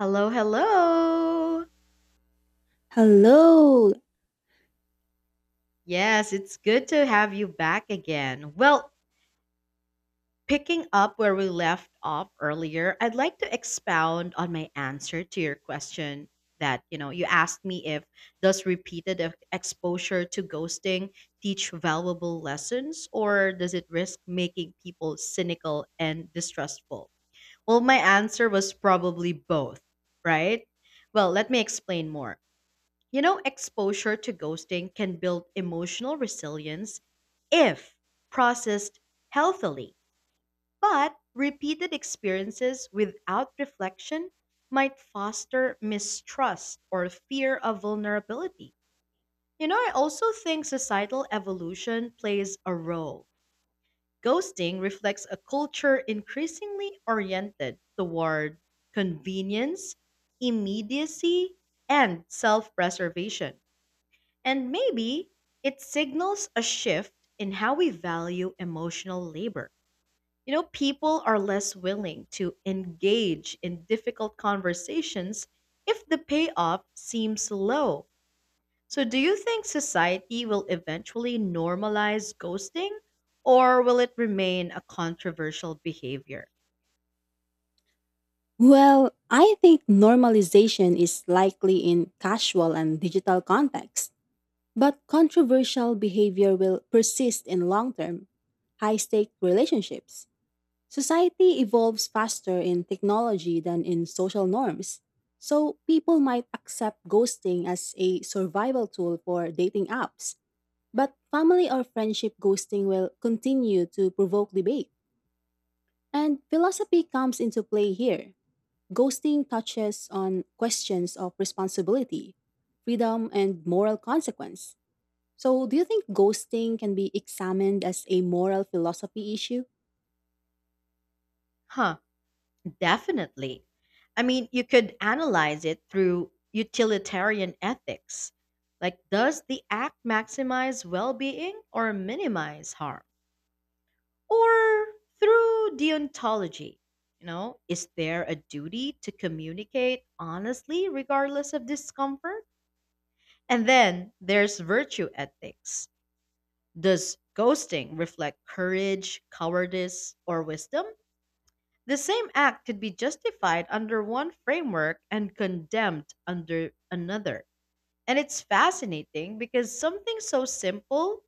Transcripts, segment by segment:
Hello, hello. Hello. Yes, it's good to have you back again. Well, picking up where we left off earlier, I'd like to expound on my answer to your question that, you asked me if does repeated exposure to ghosting teach valuable lessons or does it risk making people cynical and distrustful? Well, my answer was probably both, right? Well, let me explain more. Exposure to ghosting can build emotional resilience if processed healthily, but repeated experiences without reflection might foster mistrust or fear of vulnerability. I also think societal evolution plays a role. Ghosting reflects a culture increasingly oriented toward convenience, immediacy, and self preservation, and maybe it signals a shift in how we value emotional labor. People are less willing to engage in difficult conversations if the payoff seems low. So, do you think society will eventually normalize ghosting or will it remain a controversial behavior? Well, I think normalization is likely in casual and digital contexts, but controversial behavior will persist in long term, high stake relationships. Society evolves faster in technology than in social norms, so people might accept ghosting as a survival tool for dating apps. But family or friendship ghosting will continue to provoke debate, and philosophy comes into play here. Ghosting touches on questions of responsibility, freedom, and moral consequence. So, do you think ghosting can be examined as a moral philosophy issue? Huh. Definitely. I mean, you could analyze it through utilitarian ethics. Like, does the act maximize well being or minimize harm? Or through deontology. Is there a duty to communicate honestly regardless of discomfort? And then there's virtue ethics. Does ghosting reflect courage, cowardice, or wisdom? The same act could be justified under one framework and condemned under another. And it's fascinating because something so simple,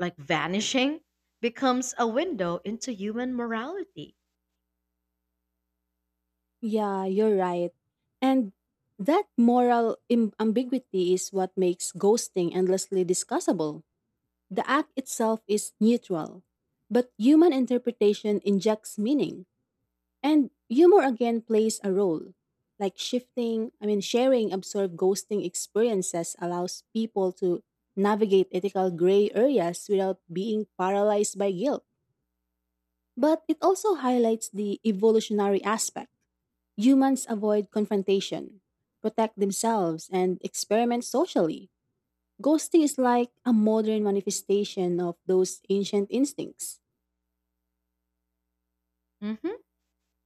like vanishing, becomes a window into human morality. Yeah, you're right. And that moral im- ambiguity is what makes ghosting endlessly discussable. The act itself is neutral, but human interpretation injects meaning. And humor again plays a role. Like shifting, sharing absurd ghosting experiences allows people to navigate ethical gray areas without being paralyzed by guilt. But it also highlights the evolutionary aspect. Humans avoid confrontation, protect themselves, and experiment socially. Ghosting is like a modern manifestation of those ancient instincts. Mhm.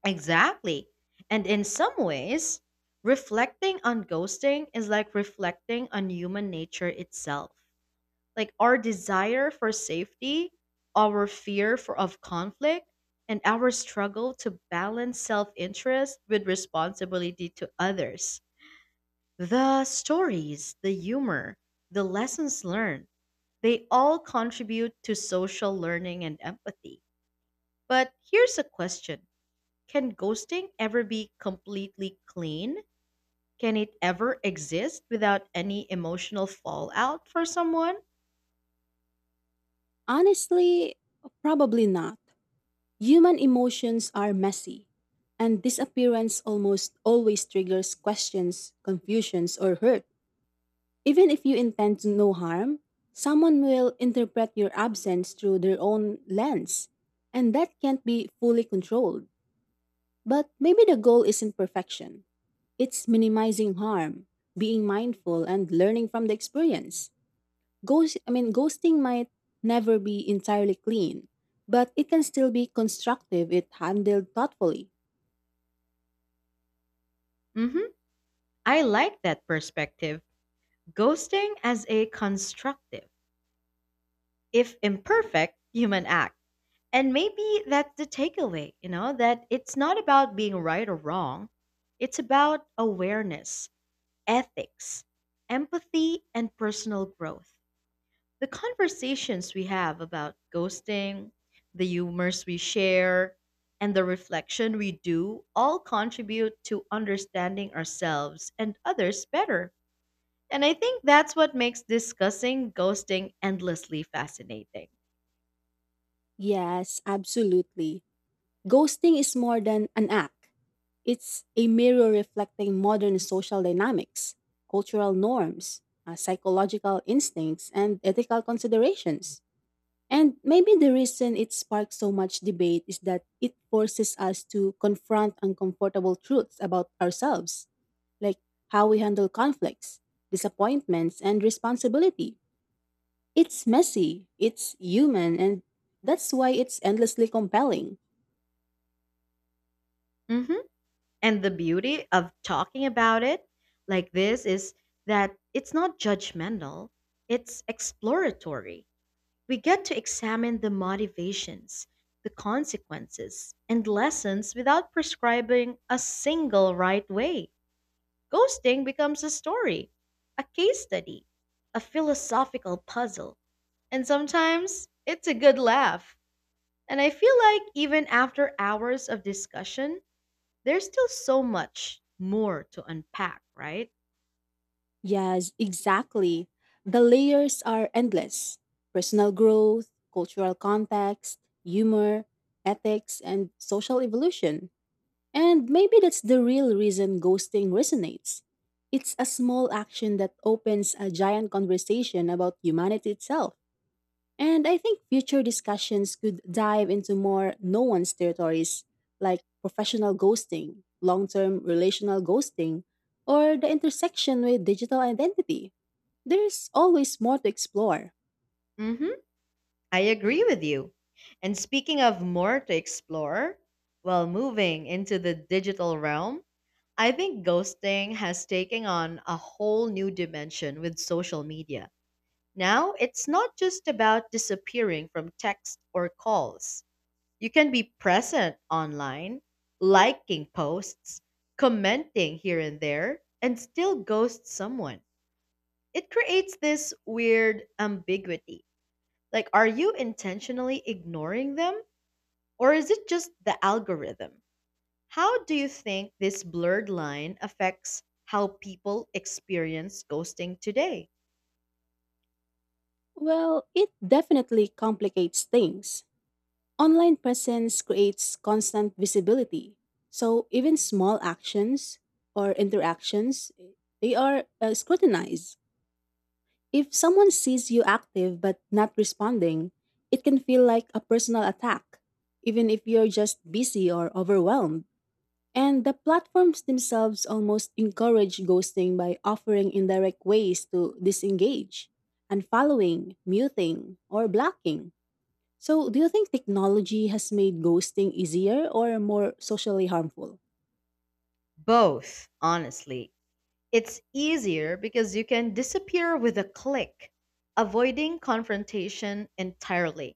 Exactly. And in some ways, reflecting on ghosting is like reflecting on human nature itself, like our desire for safety, our fear for of conflict, and our struggle to balance self-interest with responsibility to others. The stories, the humor, the lessons learned, they all contribute to social learning and empathy. But here's a question. Can ghosting ever be completely clean? Can it ever exist without any emotional fallout for someone? Honestly, probably not. Human emotions are messy, and disappearance almost always triggers questions, confusions, or hurt. Even if you intend to no harm, someone will interpret your absence through their own lens, and that can't be fully controlled. But maybe the goal isn't perfection. It's minimizing harm, being mindful, and learning from the experience. Ghosting might never be entirely clean, but it can still be constructive if handled thoughtfully. Mhm. I like that perspective. Ghosting as a constructive, if imperfect, human act. And maybe that's the takeaway, that it's not about being right or wrong. It's about awareness, ethics, empathy, and personal growth. The conversations we have about ghosting, the humors we share, and the reflection we do all contribute to understanding ourselves and others better. And I think that's what makes discussing ghosting endlessly fascinating. Yes, absolutely. Ghosting is more than an act. It's a mirror reflecting modern social dynamics, cultural norms, psychological instincts, and ethical considerations. And maybe the reason it sparked so much debate is that it forces us to confront uncomfortable truths about ourselves, like how we handle conflicts, disappointments, and responsibility. It's messy, it's human, and that's why it's endlessly compelling. Hmm. And the beauty of talking about it like this is that it's not judgmental, it's exploratory. We get to examine the motivations, the consequences, and lessons without prescribing a single right way. Ghosting becomes a story, a case study, a philosophical puzzle, and sometimes it's a good laugh. And I feel like even after hours of discussion, there's still so much more to unpack, right? Yes, exactly. The layers are endless personal growth, cultural context, humor, ethics, and social evolution. And maybe that's the real reason ghosting resonates. It's a small action that opens a giant conversation about humanity itself. And I think future discussions could dive into more no one's territories like professional ghosting, long term relational ghosting, or the intersection with digital identity. There's always more to explore. Mm hmm. I agree with you. And speaking of more to explore, well, moving into the digital realm, I think ghosting has taken on a whole new dimension with social media. Now, it's not just about disappearing from text or calls. You can be present online, liking posts, commenting here and there, and still ghost someone. It creates this weird ambiguity, like, are you intentionally ignoring them or is it just the algorithm? How do you think this blurred line affects how people experience ghosting today? Well, it definitely complicates things. Online presence creates constant visibility. So even small actions or interactions, they are scrutinized. If someone sees you active but not responding, it can feel like a personal attack, even if you're just busy or overwhelmed. And the platforms themselves almost encourage ghosting by offering indirect ways to disengage, unfollowing, muting, or blocking. So, do you think technology has made ghosting easier or more socially harmful? Both, honestly. It's easier because you can disappear with a click, avoiding confrontation entirely.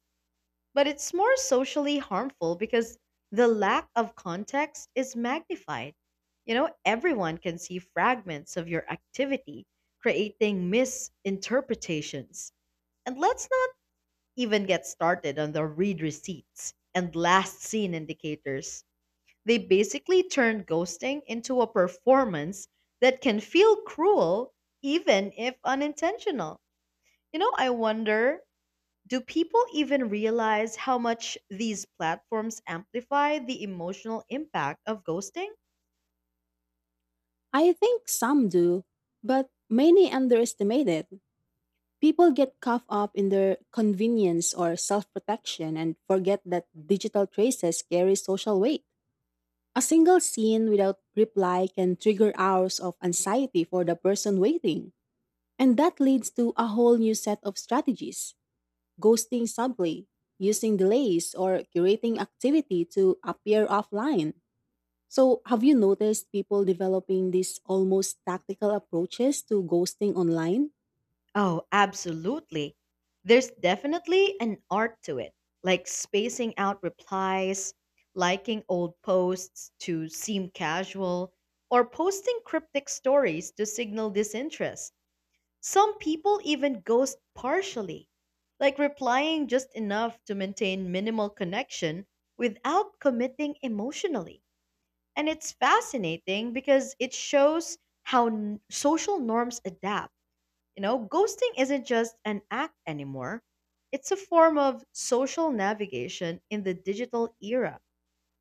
But it's more socially harmful because the lack of context is magnified. Everyone can see fragments of your activity, creating misinterpretations. And let's not even get started on the read receipts and last seen indicators. They basically turn ghosting into a performance that can feel cruel even if unintentional. I wonder, do people even realize how much these platforms amplify the emotional impact of ghosting? I think some do, but many underestimate it. People get caught up in their convenience or self protection and forget that digital traces carry social weight. A single scene without reply can trigger hours of anxiety for the person waiting, and that leads to a whole new set of strategies. Ghosting subtly, using delays, or curating activity to appear offline. So, have you noticed people developing these almost tactical approaches to ghosting online? Oh, absolutely. There's definitely an art to it, like spacing out replies, liking old posts to seem casual, or posting cryptic stories to signal disinterest. Some people even ghost partially, like replying just enough to maintain minimal connection without committing emotionally. And it's fascinating because it shows how social norms adapt. Ghosting isn't just an act anymore, it's a form of social navigation in the digital era.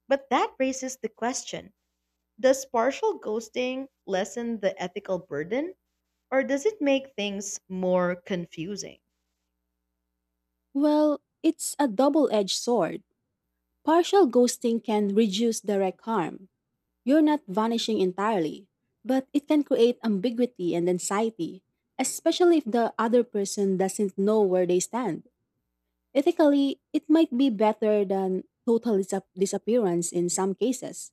But that raises the question: does partial ghosting lessen the ethical burden, or does it make things more confusing? Well, it's a double edged sword. Partial ghosting can reduce direct harm. You're not vanishing entirely, but it can create ambiguity and anxiety, especially if the other person doesn't know where they stand. Ethically, it might be better than total disappearance in some cases,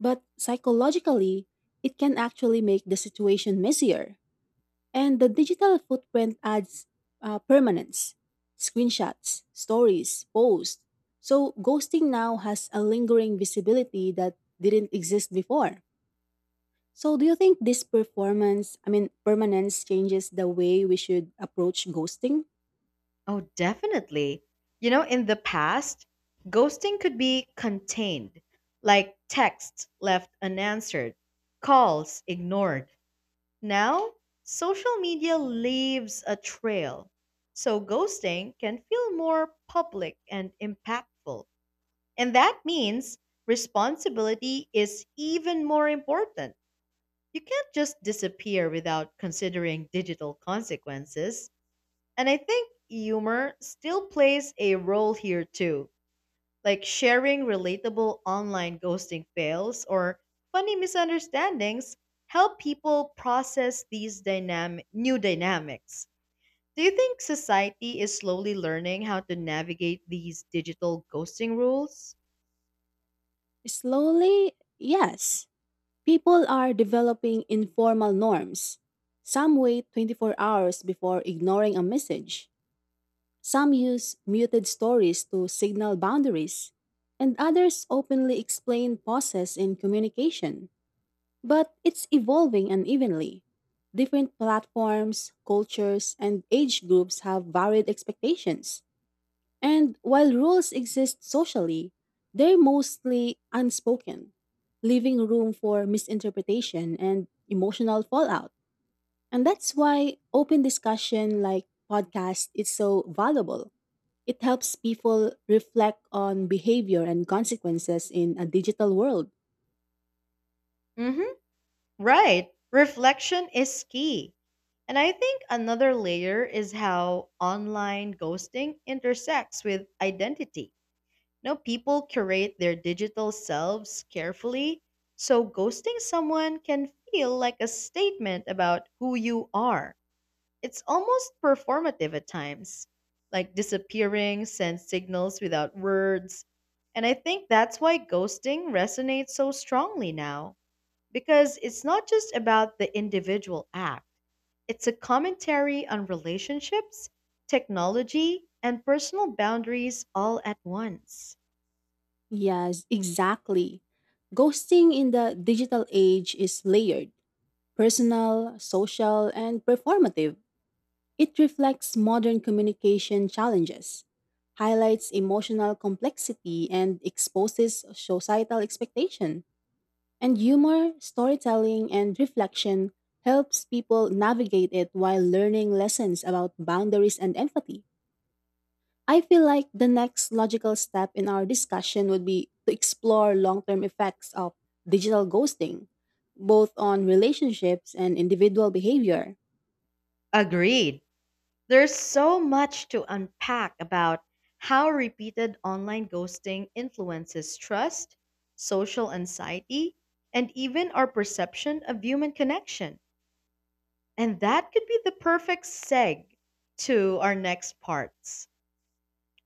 but psychologically, it can actually make the situation messier. And the digital footprint adds permanence, screenshots, stories, posts. So ghosting now has a lingering visibility that didn't exist before. So do you think this performance, I mean permanence changes the way we should approach ghosting? Oh, definitely. In the past, ghosting could be contained, like texts left unanswered, calls ignored. Now, social media leaves a trail. So, ghosting can feel more public and impactful. And that means responsibility is even more important. You can't just disappear without considering digital consequences. And I think humor still plays a role here too, like sharing relatable online ghosting fails or funny misunderstandings help people process these dynamic new dynamics. Do you think society is slowly learning how to navigate these digital ghosting rules? Slowly, yes. People are developing informal norms. Some wait 24 hours before ignoring a message. Some use muted stories to signal boundaries. And others openly explain pauses in communication. But it's evolving unevenly. Different platforms, cultures, and age groups have varied expectations. And while rules exist socially, they're mostly unspoken, leaving room for misinterpretation and emotional fallout. And that's why open discussion like podcast is so valuable. It helps people reflect on behavior and consequences in a digital world. Mhm. Right. Reflection is key. And I think another layer is how online ghosting intersects with identity. No, people curate their digital selves carefully, so ghosting someone can feel like a statement about who you are. It's almost performative at times, like disappearing sends signals without words. And I think that's why ghosting resonates so strongly now, because it's not just about the individual act, it's a commentary on relationships, technology, and personal boundaries all at once. Yes, exactly. Ghosting in the digital age is layered, personal, social, and performative. It reflects modern communication challenges, highlights emotional complexity, and exposes societal expectation. And humor, storytelling, and reflection helps people navigate it while learning lessons about boundaries and empathy. I feel like the next logical step in our discussion would be to explore long term effects of digital ghosting, both on relationships and individual behavior. Agreed. There's so much to unpack about how repeated online ghosting influences trust, social anxiety, and even our perception of human connection. And that could be the perfect seg to our next parts.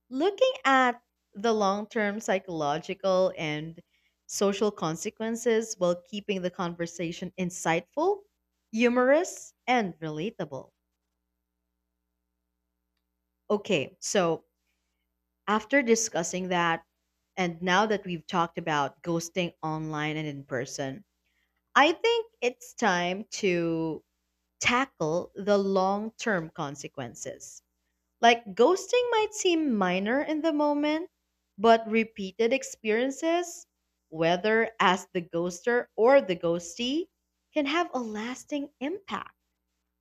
Looking at the long term psychological and social consequences while keeping the conversation insightful, humorous, and relatable. Okay, so after discussing that, and now that we've talked about ghosting online and in person, I think it's time to tackle the long term consequences. Like, ghosting might seem minor in the moment, but repeated experiences, whether as the ghoster or the ghostee, can have a lasting impact.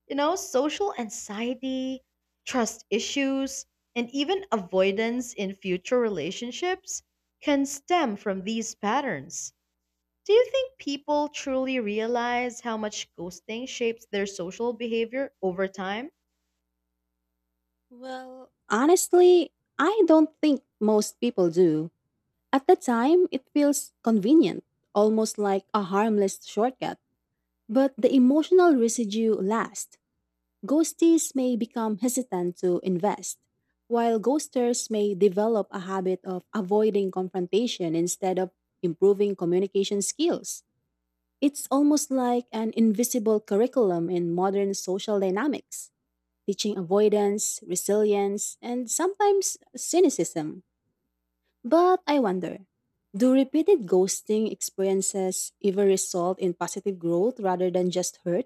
Social anxiety, trust issues, and even avoidance in future relationships can stem from these patterns. Do you think people truly realize how much ghosting shapes their social behavior over time? Well, honestly, I don't think most people do. At the time, it feels convenient, almost like a harmless shortcut. But the emotional residue lasts. Ghosties may become hesitant to invest, while ghosters may develop a habit of avoiding confrontation instead of improving communication skills. It's almost like an invisible curriculum in modern social dynamics teaching avoidance, resilience, and sometimes cynicism. But I wonder, do repeated ghosting experiences ever result in positive growth rather than just hurt?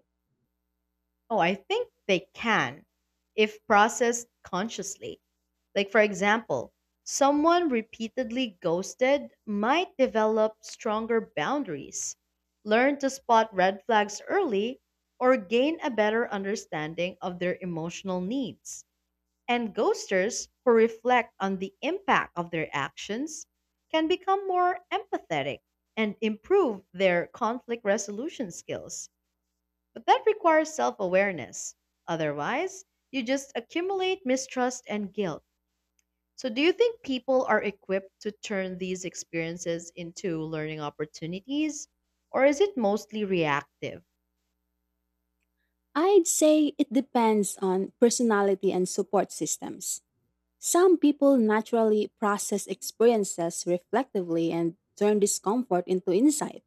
Oh, I think they can, if processed consciously. Like, for example, someone repeatedly ghosted might develop stronger boundaries, learn to spot red flags early, or gain a better understanding of their emotional needs. And ghosters who reflect on the impact of their actions can become more empathetic and improve their conflict resolution skills. But that requires self awareness. Otherwise, you just accumulate mistrust and guilt. So, do you think people are equipped to turn these experiences into learning opportunities, or is it mostly reactive? I'd say it depends on personality and support systems. Some people naturally process experiences reflectively and turn discomfort into insight.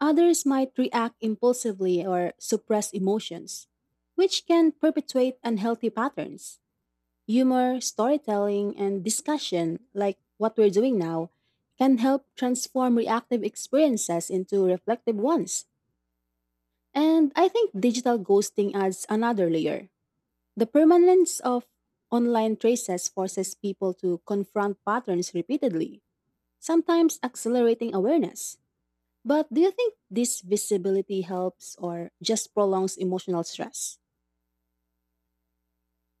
Others might react impulsively or suppress emotions, which can perpetuate unhealthy patterns. Humor, storytelling, and discussion, like what we're doing now, can help transform reactive experiences into reflective ones. And I think digital ghosting adds another layer. The permanence of online traces forces people to confront patterns repeatedly, sometimes accelerating awareness. But do you think this visibility helps or just prolongs emotional stress?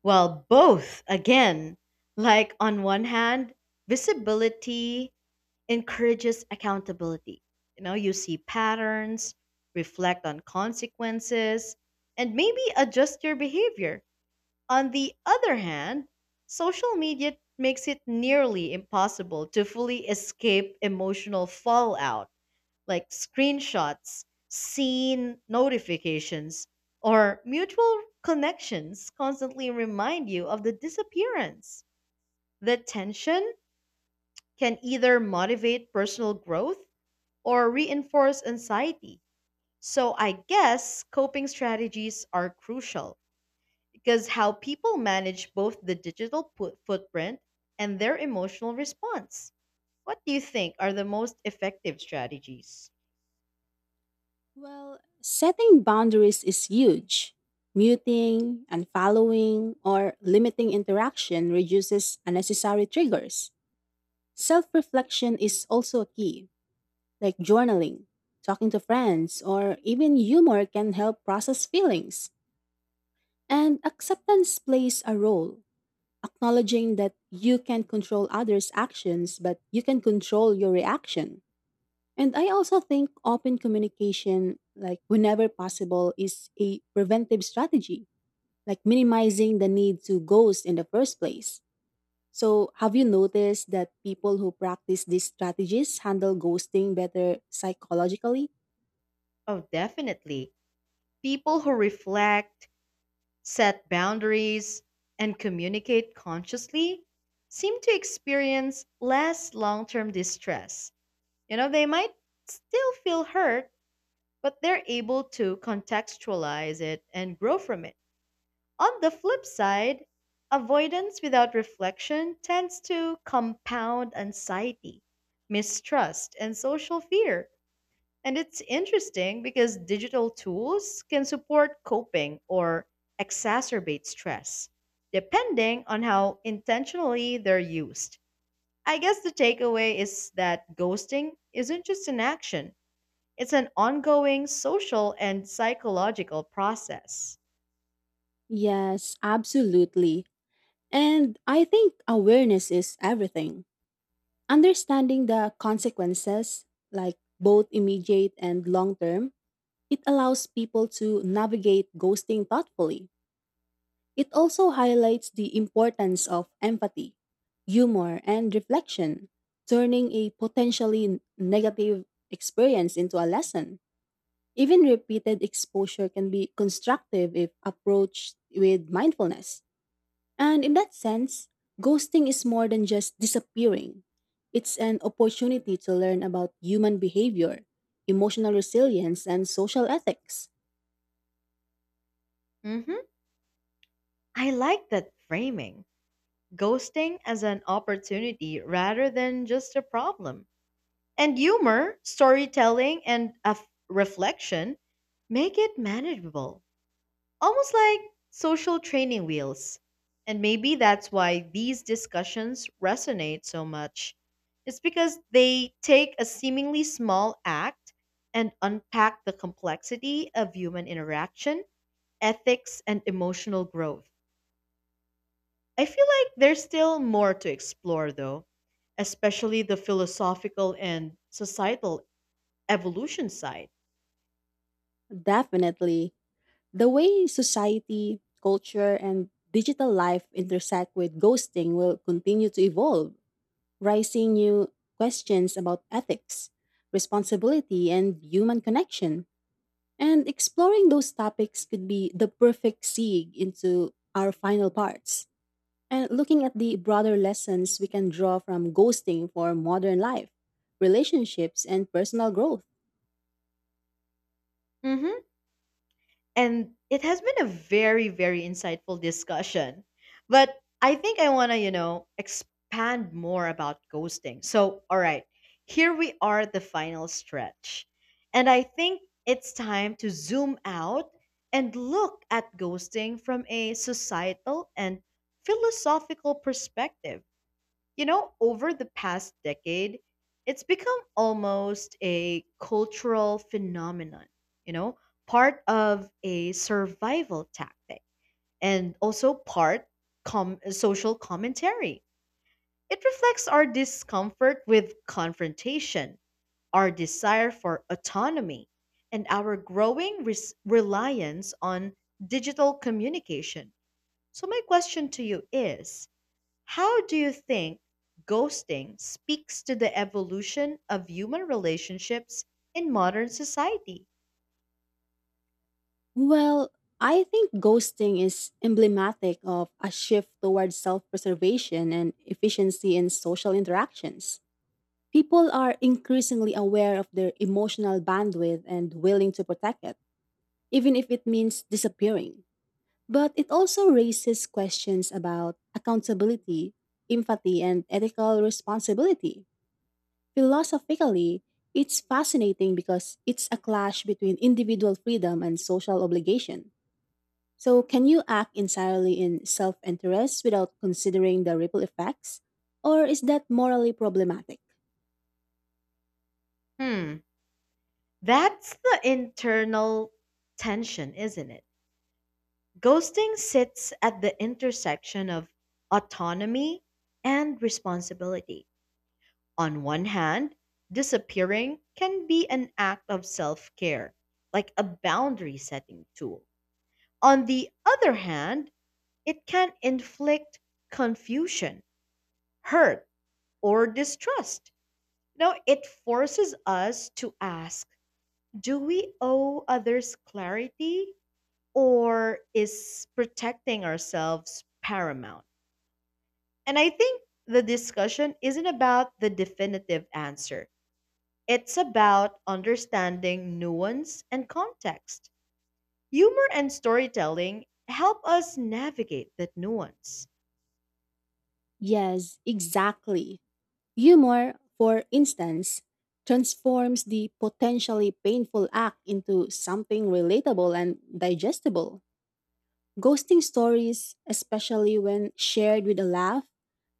Well, both, again. Like, on one hand, visibility encourages accountability. You see patterns, reflect on consequences, and maybe adjust your behavior. On the other hand, social media makes it nearly impossible to fully escape emotional fallout like screenshots, scene notifications, or mutual connections constantly remind you of the disappearance. The tension can either motivate personal growth or reinforce anxiety. So I guess coping strategies are crucial because how people manage both the digital footprint and their emotional response. What do you think are the most effective strategies? Well, setting boundaries is huge. Muting, unfollowing, or limiting interaction reduces unnecessary triggers. Self reflection is also a key, like journaling, talking to friends, or even humor can help process feelings. And acceptance plays a role, acknowledging that you can't control others' actions, but you can control your reaction. And I also think open communication, like whenever possible, is a preventive strategy, like minimizing the need to ghost in the first place. So, have you noticed that people who practice these strategies handle ghosting better psychologically? Oh, definitely. People who reflect, set boundaries, and communicate consciously seem to experience less long term distress. They might still feel hurt, but they're able to contextualize it and grow from it. On the flip side, avoidance without reflection tends to compound anxiety, mistrust, and social fear, and it's interesting because digital tools can support coping or exacerbate stress, depending on how intentionally they're used. I guess the takeaway is that ghosting isn't just an action, it's an ongoing social and psychological process. Yes, absolutely. And I think awareness is everything. Understanding the consequences, like both immediate and long term, it allows people to navigate ghosting thoughtfully. It also highlights the importance of empathy, humor, and reflection, turning a potentially negative experience into a lesson. Even repeated exposure can be constructive if approached with mindfulness. And in that sense, ghosting is more than just disappearing. It's an opportunity to learn about human behavior, emotional resilience, and social ethics. Hmm. I like that framing, ghosting as an opportunity rather than just a problem. And humor, storytelling, and reflection make it manageable, almost like social training wheels. And maybe that's why these discussions resonate so much. It's because they take a seemingly small act and unpack the complexity of human interaction, ethics, and emotional growth. I feel like there's still more to explore, though, especially the philosophical and societal evolution side. Definitely. The way society, culture, and digital life intersect with ghosting will continue to evolve, raising new questions about ethics, responsibility, and human connection. And exploring those topics could be the perfect segue into our final parts. And looking at the broader lessons we can draw from ghosting for modern life, relationships, and personal growth. Hmm. And it has been a very, very insightful discussion. But I think I want to, expand more about ghosting. So, all right, here we are at the final stretch. And I think it's time to zoom out and look at ghosting from a societal and philosophical perspective. You know, over the past decade, it's become almost a cultural phenomenon, you know, part of a survival tactic and also part social commentary. It reflects our discomfort with confrontation, our desire for autonomy, and our growing reliance on digital communication. So, my question to you is, how do you think ghosting speaks to the evolution of human relationships in modern society? Well, I think ghosting is emblematic of a shift towards self preservation and efficiency in social interactions. People are increasingly aware of their emotional bandwidth and willing to protect it, even if it means disappearing. But it also raises questions about accountability, empathy, and ethical responsibility. Philosophically, it's fascinating because it's a clash between individual freedom and social obligation. So, can you act entirely in self interest without considering the ripple effects? Or is that morally problematic? Hmm, that's the internal tension, isn't it? Ghosting sits at the intersection of autonomy and responsibility. On one hand, disappearing can be an act of self care, like a boundary setting tool. On the other hand, it can inflict confusion, hurt, or distrust. Now, it forces us to ask, do we owe others clarity, or is protecting ourselves paramount? And I think the discussion isn't about the definitive answer, it's about understanding nuance and context. Humor and storytelling help us navigate that nuance. Yes, exactly. Humor, for instance, transforms the potentially painful act into something relatable and digestible. Ghosting stories, especially when shared with a laugh,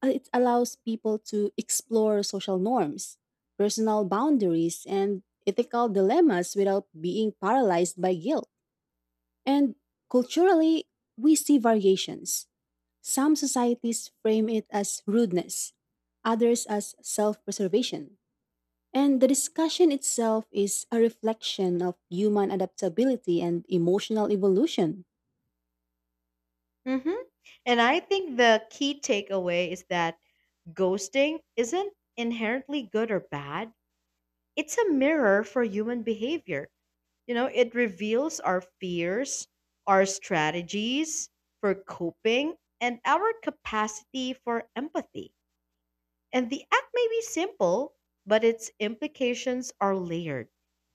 it allows people to explore social norms, personal boundaries, and ethical dilemmas without being paralyzed by guilt. And culturally, we see variations. Some societies frame it as rudeness, others as self preservation. And the discussion itself is a reflection of human adaptability and emotional evolution. Hmm. And I think the key takeaway is that ghosting isn't inherently good or bad. It's a mirror for human behavior. It reveals our fears, our strategies for coping, and our capacity for empathy. And the act may be simple, but its implications are layered,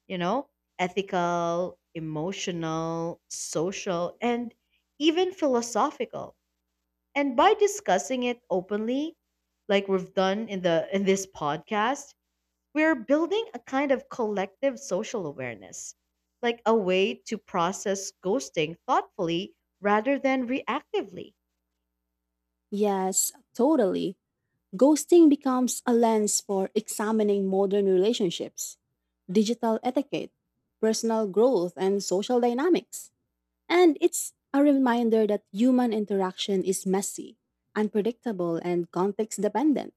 you know, ethical, emotional, social, and even philosophical, and by discussing it openly, like we've done in the in this podcast, we're building a kind of collective social awareness, like a way to process ghosting thoughtfully rather than reactively. Yes, totally. Ghosting becomes a lens for examining modern relationships, digital etiquette, personal growth, and social dynamics. And it's a reminder that human interaction is messy, unpredictable, and context dependent.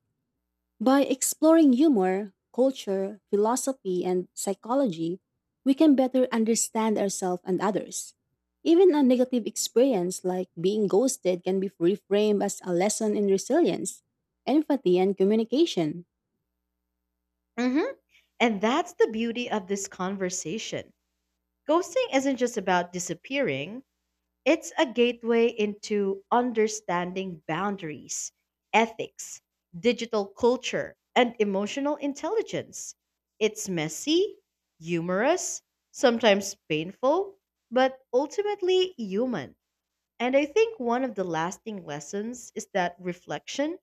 By exploring humor, culture, philosophy, and psychology, we can better understand ourselves and others. Even a negative experience like being ghosted can be reframed as a lesson in resilience, empathy, and communication. Mhm. And that's the beauty of this conversation. Ghosting isn't just about disappearing, it's a gateway into understanding boundaries, ethics, digital culture, and emotional intelligence. It's messy, humorous, sometimes painful, but ultimately human. And I think one of the lasting lessons is that reflection,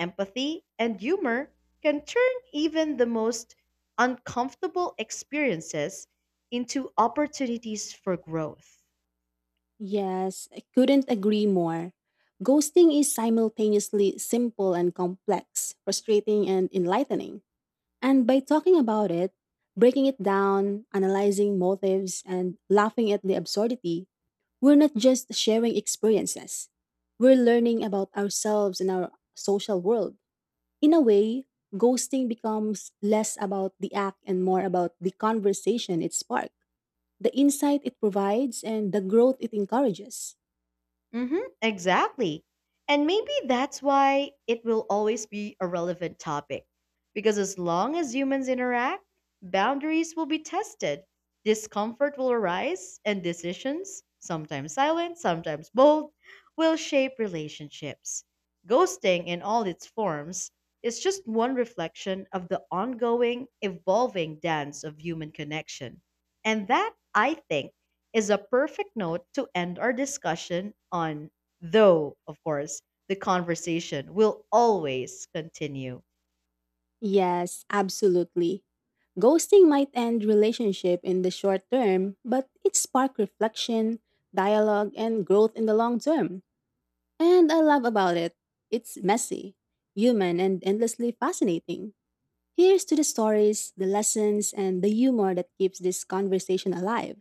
empathy, and humor can turn even the most uncomfortable experiences into opportunities for growth. Yes, I couldn't agree more. Ghosting is simultaneously simple and complex, frustrating and enlightening. And by talking about it, breaking it down, analyzing motives, and laughing at the absurdity, we're not just sharing experiences, we're learning about ourselves and our social world. In a way, ghosting becomes less about the act and more about the conversation it sparked, the insight it provides, and the growth it encourages. Mm-hmm, exactly. And maybe that's why it will always be a relevant topic. Because as long as humans interact, boundaries will be tested, discomfort will arise, and decisions, sometimes silent, sometimes bold, will shape relationships. Ghosting, in all its forms, is just one reflection of the ongoing, evolving dance of human connection. And that, I think, is a perfect note to end our discussion on, though, of course, the conversation will always continue. Yes, absolutely. Ghosting might end relationship in the short term, but it spark reflection, dialogue, and growth in the long term. And I love about it, it's messy, human, and endlessly fascinating. Here's to the stories, the lessons, and the humor that keeps this conversation alive.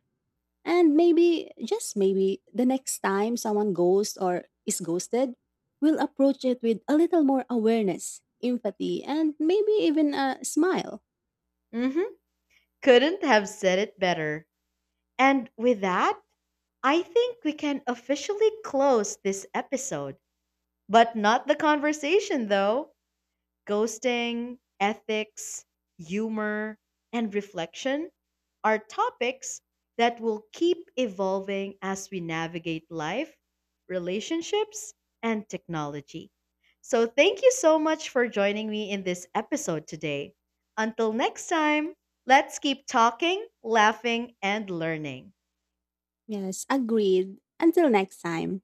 And maybe, just maybe, the next time someone ghosts or is ghosted, we'll approach it with a little more awareness, empathy, and maybe even a smile. Hmm. Couldn't have said it better. And with that, I think we can officially close this episode. But not the conversation, though. Ghosting, ethics, humor, and reflection are topics that will keep evolving as we navigate life, relationships, and technology. So, thank you so much for joining me in this episode today. Until next time, let's keep talking, laughing, and learning. Yes, agreed. Until next time.